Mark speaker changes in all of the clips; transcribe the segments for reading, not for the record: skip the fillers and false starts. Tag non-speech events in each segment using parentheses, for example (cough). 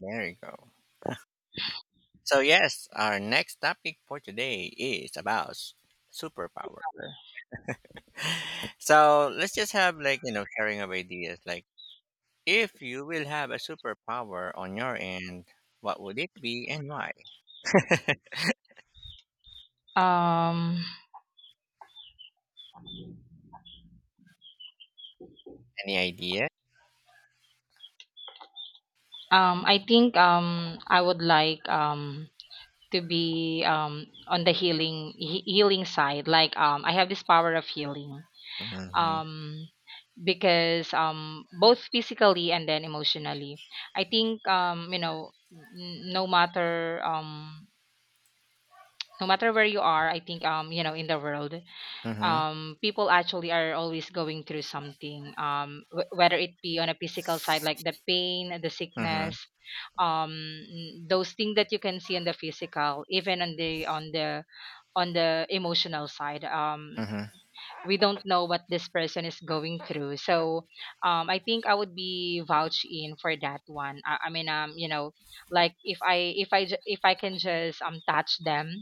Speaker 1: There you go. So yes, our next topic for today is about superpower. (laughs) So let's just have like sharing of ideas. Like if you will have a superpower on your end, what would it be and why? (laughs)
Speaker 2: Um,
Speaker 1: Any idea?
Speaker 2: I think I would like to be on the healing side. Like I have this power of healing,
Speaker 1: Mm-hmm.
Speaker 2: um, because both physically and then emotionally. I think, no matter no matter where you are, I think, in the world.
Speaker 1: Mm-hmm.
Speaker 2: People actually are always going through something. Whether it be on a physical side, like the pain, the
Speaker 1: Mm-hmm.
Speaker 2: sickness, um, those things that you can see on the physical, even on the emotional side.
Speaker 1: Mm-hmm.
Speaker 2: We don't know what this person is going through, so I think I would be vouch in for that one. I mean, like if I can just touch them,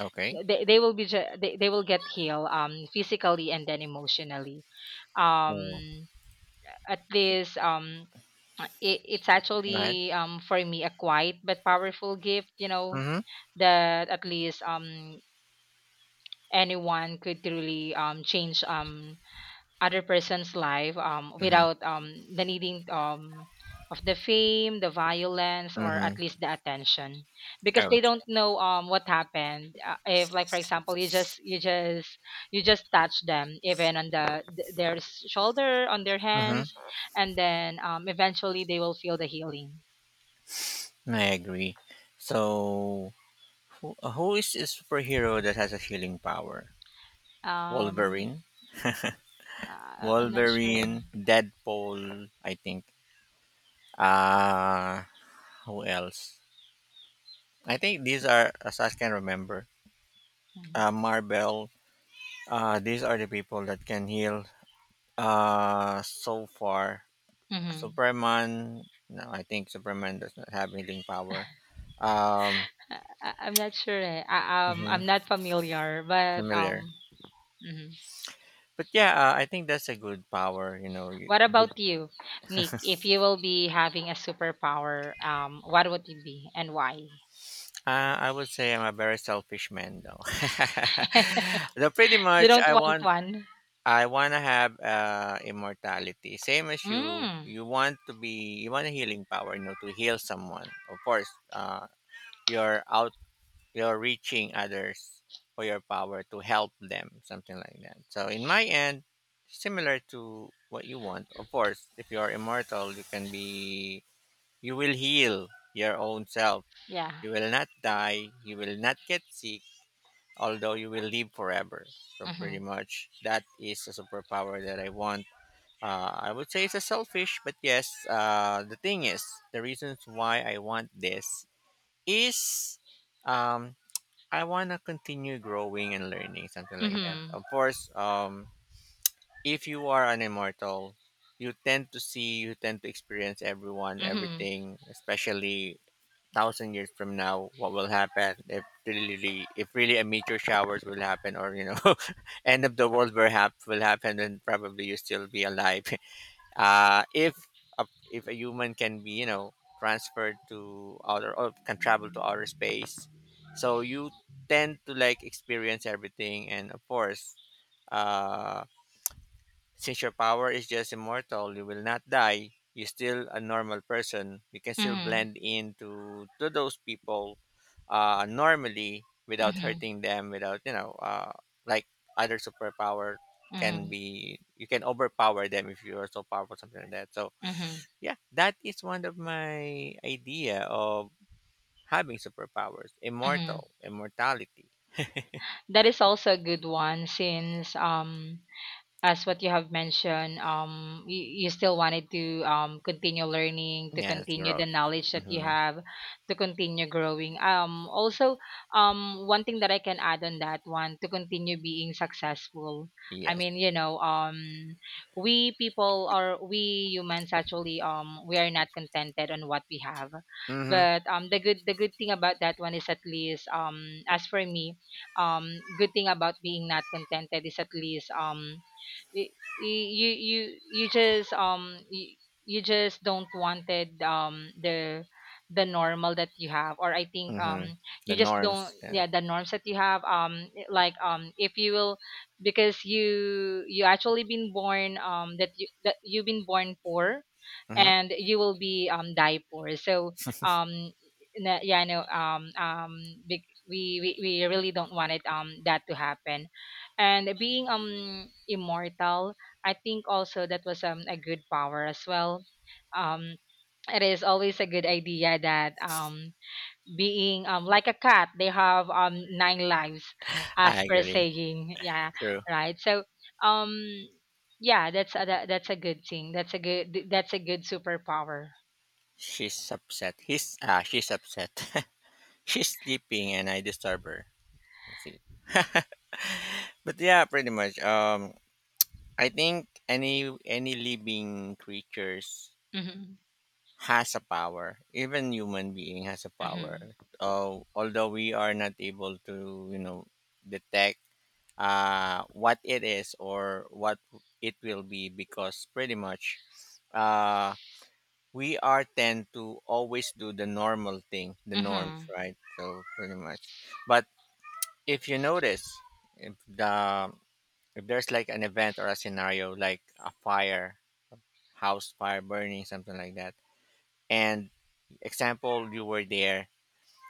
Speaker 1: Okay.
Speaker 2: they will be they will get healed, physically and then emotionally,
Speaker 1: So
Speaker 2: um at least. It's
Speaker 1: go ahead.
Speaker 2: actually for me a quiet but powerful gift.
Speaker 1: Mm-hmm.
Speaker 2: That at least anyone could really change other person's life,
Speaker 1: Mm-hmm.
Speaker 2: without the needing of the fame, the violence, or
Speaker 1: Mm-hmm.
Speaker 2: at least the attention, because
Speaker 1: I
Speaker 2: they
Speaker 1: would say.
Speaker 2: don't know what happened. If, like for example, you just touch them, even on their shoulder, on their
Speaker 1: Mm-hmm.
Speaker 2: hands, and then eventually they will feel the healing.
Speaker 1: I agree. So who is a superhero that has a healing power?
Speaker 2: Um,
Speaker 1: Wolverine?
Speaker 2: I'm not sure.
Speaker 1: Wolverine, Deadpool, I think. Uh who else? I think these are as I can remember.
Speaker 2: Mhm.
Speaker 1: Marvel. These are the people that can heal so far.
Speaker 2: Mm-hmm.
Speaker 1: Superman, no, I think Superman does not have healing power. Um
Speaker 2: I'm not sure. Eh. I'm
Speaker 1: mhm,
Speaker 2: not familiar, but
Speaker 1: familiar.
Speaker 2: mhm.
Speaker 1: But yeah, I think that's a good power, you know. you-
Speaker 2: What
Speaker 1: But
Speaker 2: about you, Nick? If you will be having a superpower, what would it be and why?
Speaker 1: I would say I'm a very selfish man, though. (laughs)
Speaker 2: (laughs)
Speaker 1: So pretty
Speaker 2: You
Speaker 1: much,
Speaker 2: don't
Speaker 1: I
Speaker 2: want
Speaker 1: want
Speaker 2: one.
Speaker 1: I want to have immortality, same as you.
Speaker 2: Mm.
Speaker 1: You want a healing power, to heal someone. Of course, uh, you're out, you're reaching others for your power to help them, something like that. So, in my end, similar to what you want. Of course, if you're immortal, you will heal your own self.
Speaker 2: Yeah.
Speaker 1: You will not die. You will not get sick, although you will live forever. So, pretty
Speaker 2: Mhm.
Speaker 1: much, that is a superpower that I want. I would say it's a selfish, but yes, the thing is, the reasons why I want this is um, I want to continue growing and learning, something like that.
Speaker 2: Mhm.
Speaker 1: Of course, if you are an immortal, you tend to see, you tend to experience everyone,
Speaker 2: Mhm.
Speaker 1: everything, especially 1,000 years from now, what will happen if really, really, if really a meteor showers will happen, or (laughs) end of the world will will happen, and probably you still be alive. (laughs) uh, if if a human can be transferred to outer or can travel to outer space, so you tend to like experience everything. And of course, uh, since your power is just immortal, you will not die. You're still a normal person. You can still
Speaker 2: Mhm.
Speaker 1: blend into to those people normally without
Speaker 2: Mhm.
Speaker 1: hurting them, without like other superpower, can
Speaker 2: Mhm.
Speaker 1: be you can overpower them if you are so powerful, something like that. So
Speaker 2: Mhm.
Speaker 1: yeah, that is one of my idea of having superpowers:
Speaker 2: Mhm.
Speaker 1: immortal, immortality.
Speaker 2: That is also a good one, since as what you have mentioned, you still wanted to continue learning, to
Speaker 1: Yes,
Speaker 2: continue the
Speaker 1: growth.
Speaker 2: knowledge that you
Speaker 1: Mm-hmm.
Speaker 2: have, to continue growing. Also, one thing that I can add on that one, to continue being successful. I
Speaker 1: Yes.
Speaker 2: mean, you know, we humans actually, we are not contented on what we have.
Speaker 1: Mm-hmm.
Speaker 2: But the good thing about that one is at least. As for me, um, good thing about being not contented is at least. You you you you just you just don't wanted the normal that you have. Or I think
Speaker 1: Mm-hmm.
Speaker 2: you
Speaker 1: The
Speaker 2: just don't,
Speaker 1: norms. Yes.
Speaker 2: yeah, the norms that you have, like if you will, because you actually been born, that you've been born poor
Speaker 1: Mm-hmm.
Speaker 2: and you will be die poor. So um yeah, no, big, we really don't want it that to happen. And being immortal, I think also that was a good power as well. Um it is always a good idea that, being like a cat, they have nine lives, as
Speaker 1: I
Speaker 2: per
Speaker 1: agree.
Speaker 2: saying. Yeah,
Speaker 1: True.
Speaker 2: right. So um yeah, that's a good thing, that's a good superpower.
Speaker 1: She's upset. He's ah. She's upset. (laughs) She's sleeping, and I disturb her. That's it. (laughs) But yeah, pretty much. I think any living creatures
Speaker 2: Mm-hmm.
Speaker 1: has a power. Even human being has a power.
Speaker 2: Mm-hmm.
Speaker 1: Although we are not able to, detect what it is or what it will be, because pretty much uh, we are tend to always do the normal thing, the norms,
Speaker 2: Mm-hmm.
Speaker 1: right? So pretty much. But if you notice, if the if there's like an event or a scenario like a fire, house fire burning, something like that, and example you were there,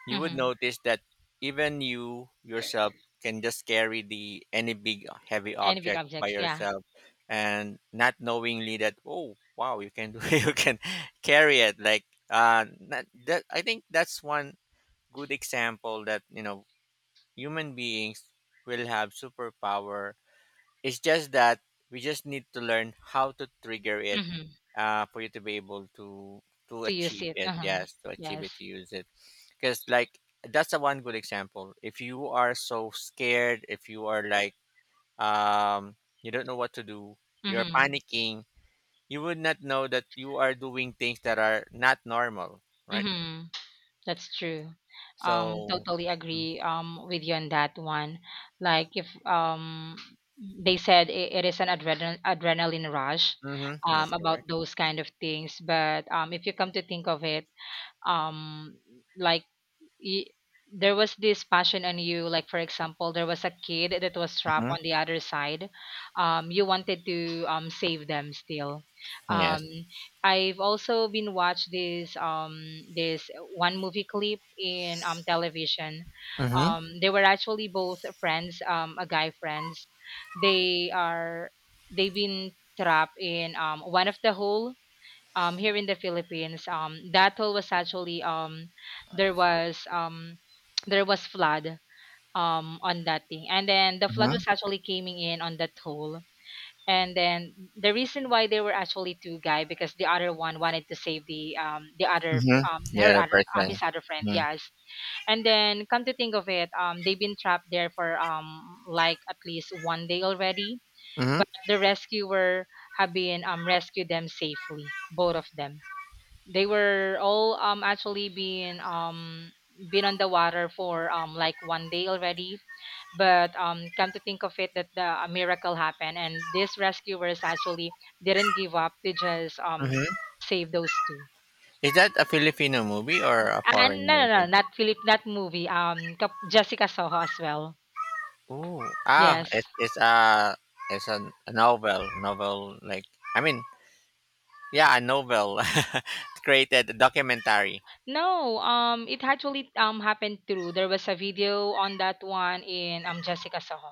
Speaker 1: you would
Speaker 2: Mm-hmm.
Speaker 1: notice that even you yourself can just carry the any big heavy
Speaker 2: Any big
Speaker 1: object by
Speaker 2: objects, yeah.
Speaker 1: yourself, and not knowingly that, oh wow, you can do (laughs) you can carry it like not, that I think that's one good example that you know human beings will have superpower. It's just that we just need to learn how to trigger it,
Speaker 2: Mm-hmm.
Speaker 1: for you to be able to
Speaker 2: To use
Speaker 1: achieve
Speaker 2: it,
Speaker 1: it.
Speaker 2: uh-huh.
Speaker 1: Yes, to achieve it,
Speaker 2: Yes.
Speaker 1: to use it. Because like, that's the one good example. If you are so scared, if you are like um you don't know what to do, you're
Speaker 2: Mm-hmm.
Speaker 1: panicking, you would not know that you are doing things that are not normal, right?
Speaker 2: Mm-hmm. That's true.
Speaker 1: So
Speaker 2: Totally agree with you on that one. Like if they said it, it is an adrenaline rush,
Speaker 1: mm-hmm, that's
Speaker 2: about
Speaker 1: correct.
Speaker 2: those kind of things. But if you come to think of it, um like, y- there was this passion on you, like for example there was a kid that was trapped
Speaker 1: Mm-hmm.
Speaker 2: on the other side, you wanted to save them still. um
Speaker 1: Yes.
Speaker 2: I've also been watched this, this one movie clip in television.
Speaker 1: Mm-hmm.
Speaker 2: They were actually both friends, a guy friends. they are they've been trapped in one of the hole, here in the Philippines. That hole was actually, there was, (tsk) there was flood on that thing, and then the flood
Speaker 1: Mm-hmm.
Speaker 2: was actually coming in on that hole. And then the reason why there were actually two guy, because the other one wanted to save the other
Speaker 1: Mm-hmm. The
Speaker 2: her
Speaker 1: other
Speaker 2: other his
Speaker 1: person.
Speaker 2: other friend.
Speaker 1: Mm-hmm.
Speaker 2: Yes. And then, come to think of it, they've been trapped there for like at least one day already.
Speaker 1: Mm-hmm.
Speaker 2: But the rescuer have been rescued them safely, both of them. They were all actually been on the water for like one day already. But come to think of it, that the a miracle happened, and these rescuers actually didn't give up to just
Speaker 1: Mm-hmm.
Speaker 2: save those two.
Speaker 1: Is that a Filipino movie or a
Speaker 2: And
Speaker 1: foreign
Speaker 2: no, no, no,
Speaker 1: movie?
Speaker 2: not not movie. Jessica Soho as well.
Speaker 1: Ooh,
Speaker 2: Yes.
Speaker 1: it's it's a, a novel, like, I mean, yeah, a novel (laughs) created a documentary.
Speaker 2: No, it actually happened through. There was a video on that one in Jessica Soho.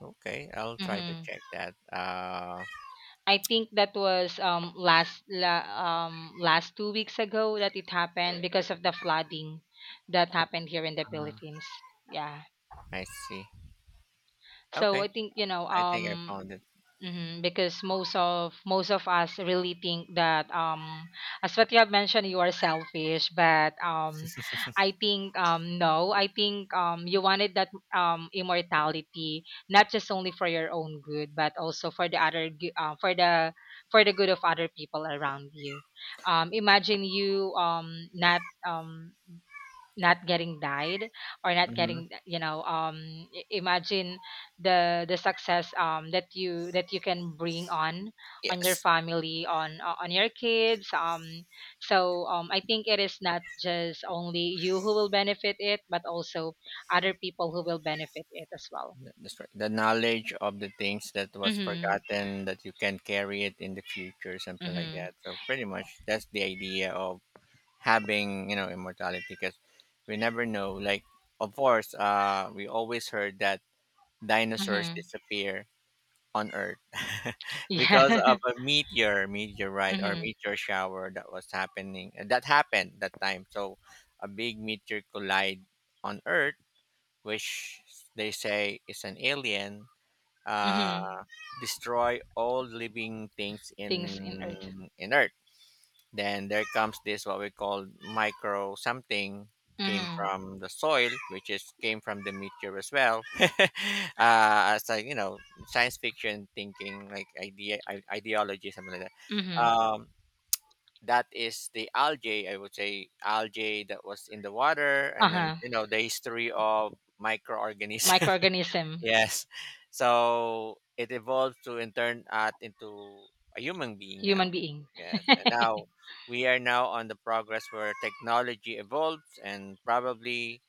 Speaker 1: Okay, I'll try to
Speaker 2: Mm-hmm.
Speaker 1: check that.
Speaker 2: I think that was last 2 weeks ago that it happened because of the flooding that happened here in the
Speaker 1: Ah.
Speaker 2: Philippines. Yeah.
Speaker 1: I see.
Speaker 2: So I
Speaker 1: Okay,
Speaker 2: think, you know,
Speaker 1: I think I found it.
Speaker 2: mhm, because most of us really think that, as what you have mentioned, you are selfish. But I think, no, I think you wanted that immortality not just only for your own good but also for the for the good of other people around you. Imagine you not, not getting died or not
Speaker 1: Hmm.
Speaker 2: getting, you know, imagine the success, that you can bring on your
Speaker 1: Yes,
Speaker 2: family, on on your kids. So I think it is not just only you who will benefit it, but also other people who will benefit it as well.
Speaker 1: that's right. The knowledge of the things that was
Speaker 2: Mhm.
Speaker 1: forgotten that you can carry it in the future, something like
Speaker 2: Mhm.
Speaker 1: that. So pretty much that's the idea of having immortality, because we never know. Like, of course, we always heard that dinosaurs
Speaker 2: Mhm.
Speaker 1: disappear on Earth (laughs) because
Speaker 2: Yeah.
Speaker 1: of a meteor,
Speaker 2: (laughs)
Speaker 1: meteorite, or
Speaker 2: Mhm.
Speaker 1: meteor shower that was happening. That happened that time. So a big meteor collide on Earth, which they say is an alien,
Speaker 2: Mhm.
Speaker 1: uh, destroy all living things
Speaker 2: Things in earth.
Speaker 1: in Earth. Then there comes this what we call micro something came
Speaker 2: Mhm.
Speaker 1: from the soil, which is came from the meteor as well. (laughs) It's like science fiction thinking, like idea ideology, something like that.
Speaker 2: Mhm.
Speaker 1: That is the algae, I would say algae that was in the water, and then
Speaker 2: Uh-huh.
Speaker 1: the history of microorganisms. (laughs)
Speaker 2: Microorganism.
Speaker 1: Yes. So it evolved to in turn art into a human being now.
Speaker 2: Human being.
Speaker 1: Yes. And
Speaker 2: (laughs)
Speaker 1: now we are now on the progress where technology evolves and probably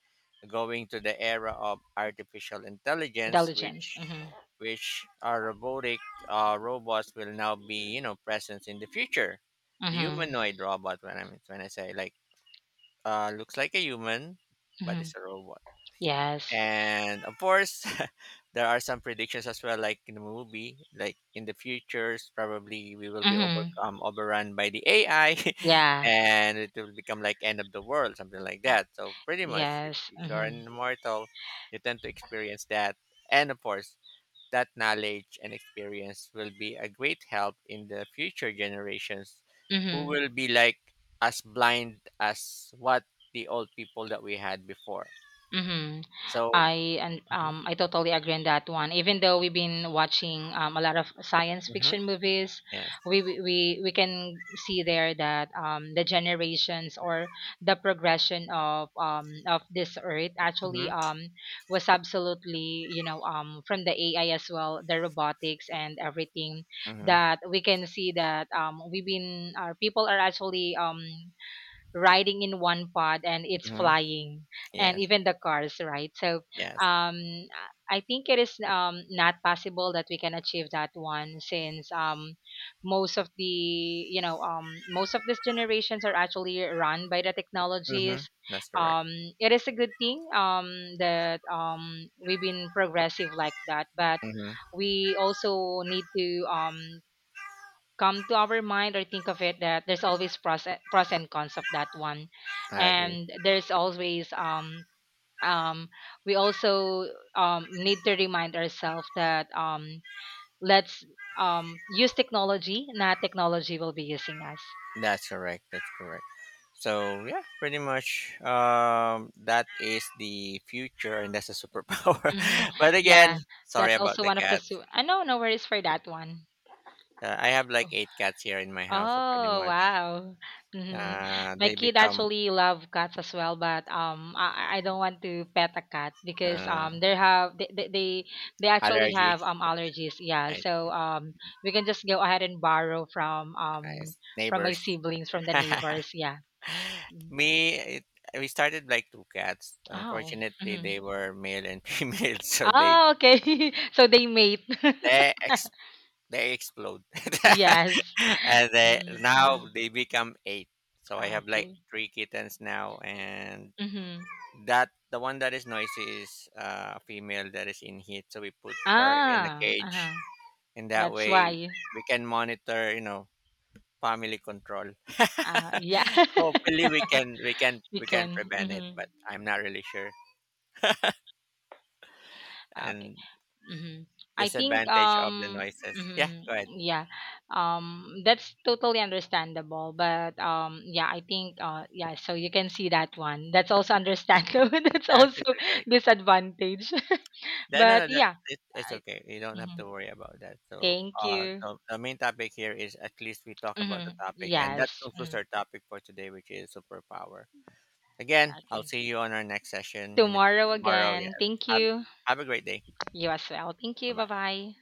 Speaker 1: going to the era of artificial intelligence,
Speaker 2: Intelligence.
Speaker 1: which
Speaker 2: Mhm.
Speaker 1: which our robotic robots will now be, presence in the future.
Speaker 2: Mhm.
Speaker 1: Humanoid robot, when I say like looks like a human but it's
Speaker 2: Mhm.
Speaker 1: a robot.
Speaker 2: Yes.
Speaker 1: And of course, (laughs) there are some predictions as well, like in the movie, like in the futures, probably we will be
Speaker 2: Mhm.
Speaker 1: overcome overrun by the AI (laughs)
Speaker 2: Yeah.
Speaker 1: and it will become like end of the world, something like that. So pretty much, if,
Speaker 2: Yes.
Speaker 1: if you're
Speaker 2: Mhm.
Speaker 1: an immortal, you tend to experience that. And of course, that knowledge and experience will be a great help in the future generations who
Speaker 2: Mhm.
Speaker 1: will be like as blind as what the old people that we had before.
Speaker 2: Mhm.
Speaker 1: So
Speaker 2: I totally agree on that one. Even though we've been watching, a lot of science
Speaker 1: Mhm.
Speaker 2: fiction movies,
Speaker 1: Yes.
Speaker 2: we can see there that, the generations or the progression of, of this earth actually,
Speaker 1: Mhm.
Speaker 2: was absolutely, you know, from the AI as well, the robotics and everything
Speaker 1: Mhm.
Speaker 2: that we can see that, we've been, our people are actually, riding in one pod and it's
Speaker 1: Mhm.
Speaker 2: flying, and
Speaker 1: Yes.
Speaker 2: even the cars, right? So
Speaker 1: Yes.
Speaker 2: um I think it is not possible that we can achieve that one, since most of the, you know, most of these generations are actually run by the
Speaker 1: Mhm.
Speaker 2: technologies.
Speaker 1: That's correct.
Speaker 2: um it is a good thing, that we've been progressive like that. But
Speaker 1: Mhm.
Speaker 2: we also need to, come to our mind or think of it, that there's always pros and cons of that one.
Speaker 1: I agree.
Speaker 2: And there's always um we also need to remind ourselves that, let's, use technology, not technology will be using us.
Speaker 1: That's correct. That's correct. So yeah, pretty much. That is the future, and that's a superpower.
Speaker 2: Hmm.
Speaker 1: (laughs) But again,
Speaker 2: Yeah,
Speaker 1: sorry
Speaker 2: that's
Speaker 1: about
Speaker 2: also
Speaker 1: the
Speaker 2: one of the
Speaker 1: cats.
Speaker 2: I know, no worries for that one.
Speaker 1: I have like eight cats here in my house. So pretty
Speaker 2: Oh,
Speaker 1: much,
Speaker 2: wow. Hmm. My
Speaker 1: they
Speaker 2: kid
Speaker 1: become
Speaker 2: actually love cats as well, but I don't want to pet a cat because
Speaker 1: uh
Speaker 2: they have they actually have
Speaker 1: allergies.
Speaker 2: allergies. Yeah,
Speaker 1: I,
Speaker 2: so we can just go ahead and borrow
Speaker 1: I
Speaker 2: from my
Speaker 1: neighbors.
Speaker 2: siblings, from the
Speaker 1: (laughs)
Speaker 2: neighbors. Yeah. Mm.
Speaker 1: Me, it, we started like two cats.
Speaker 2: Oh.
Speaker 1: Unfortunately,
Speaker 2: Hmm.
Speaker 1: they were male and (laughs) female, so
Speaker 2: Oh, okay. (laughs) So they mate. (laughs)
Speaker 1: they ex, they explode,
Speaker 2: Yes.
Speaker 1: (laughs) and
Speaker 2: Mm-hmm.
Speaker 1: they become eight. So I have like
Speaker 2: Okay.
Speaker 1: three kittens now, and
Speaker 2: Mm-hmm.
Speaker 1: that the one that is noisy is a female that is in heat. So we put her in a
Speaker 2: Ah,
Speaker 1: cage,
Speaker 2: uh-huh.
Speaker 1: and that
Speaker 2: That's
Speaker 1: way
Speaker 2: why.
Speaker 1: we can monitor. Family control.
Speaker 2: Ah, yeah.
Speaker 1: (laughs) Hopefully we can we can
Speaker 2: (laughs) You
Speaker 1: we can
Speaker 2: can.
Speaker 1: prevent it,
Speaker 2: Mhm.
Speaker 1: but I'm not really sure.
Speaker 2: Ah, okay.
Speaker 1: And
Speaker 2: Mhm. I think,
Speaker 1: disadvantage of the noises. Yeah,
Speaker 2: mhm,
Speaker 1: go ahead.
Speaker 2: yeah. That's totally understandable, but yeah, I think yeah, so you can see that one. That's also understandable. (laughs) That's
Speaker 1: Yes, it's
Speaker 2: also
Speaker 1: okay.
Speaker 2: disadvantage. (laughs)
Speaker 1: No, no,
Speaker 2: But
Speaker 1: no,
Speaker 2: yeah.
Speaker 1: it's
Speaker 2: I,
Speaker 1: okay. You don't have to
Speaker 2: mhm.
Speaker 1: worry about that. So,
Speaker 2: Thank you.
Speaker 1: the main topic here is at least we talk about the
Speaker 2: Mhm.
Speaker 1: topic, and that
Speaker 2: Yes.
Speaker 1: concludes
Speaker 2: Mhm.
Speaker 1: our topic for today, which is superpower. Again, I'll
Speaker 2: Okay.
Speaker 1: see you on our next session
Speaker 2: Tomorrow
Speaker 1: tomorrow. Yeah,
Speaker 2: again. Thank
Speaker 1: have,
Speaker 2: you.
Speaker 1: have a great day.
Speaker 2: You as well. Thank you.
Speaker 1: Bye bye.
Speaker 2: Bye-bye.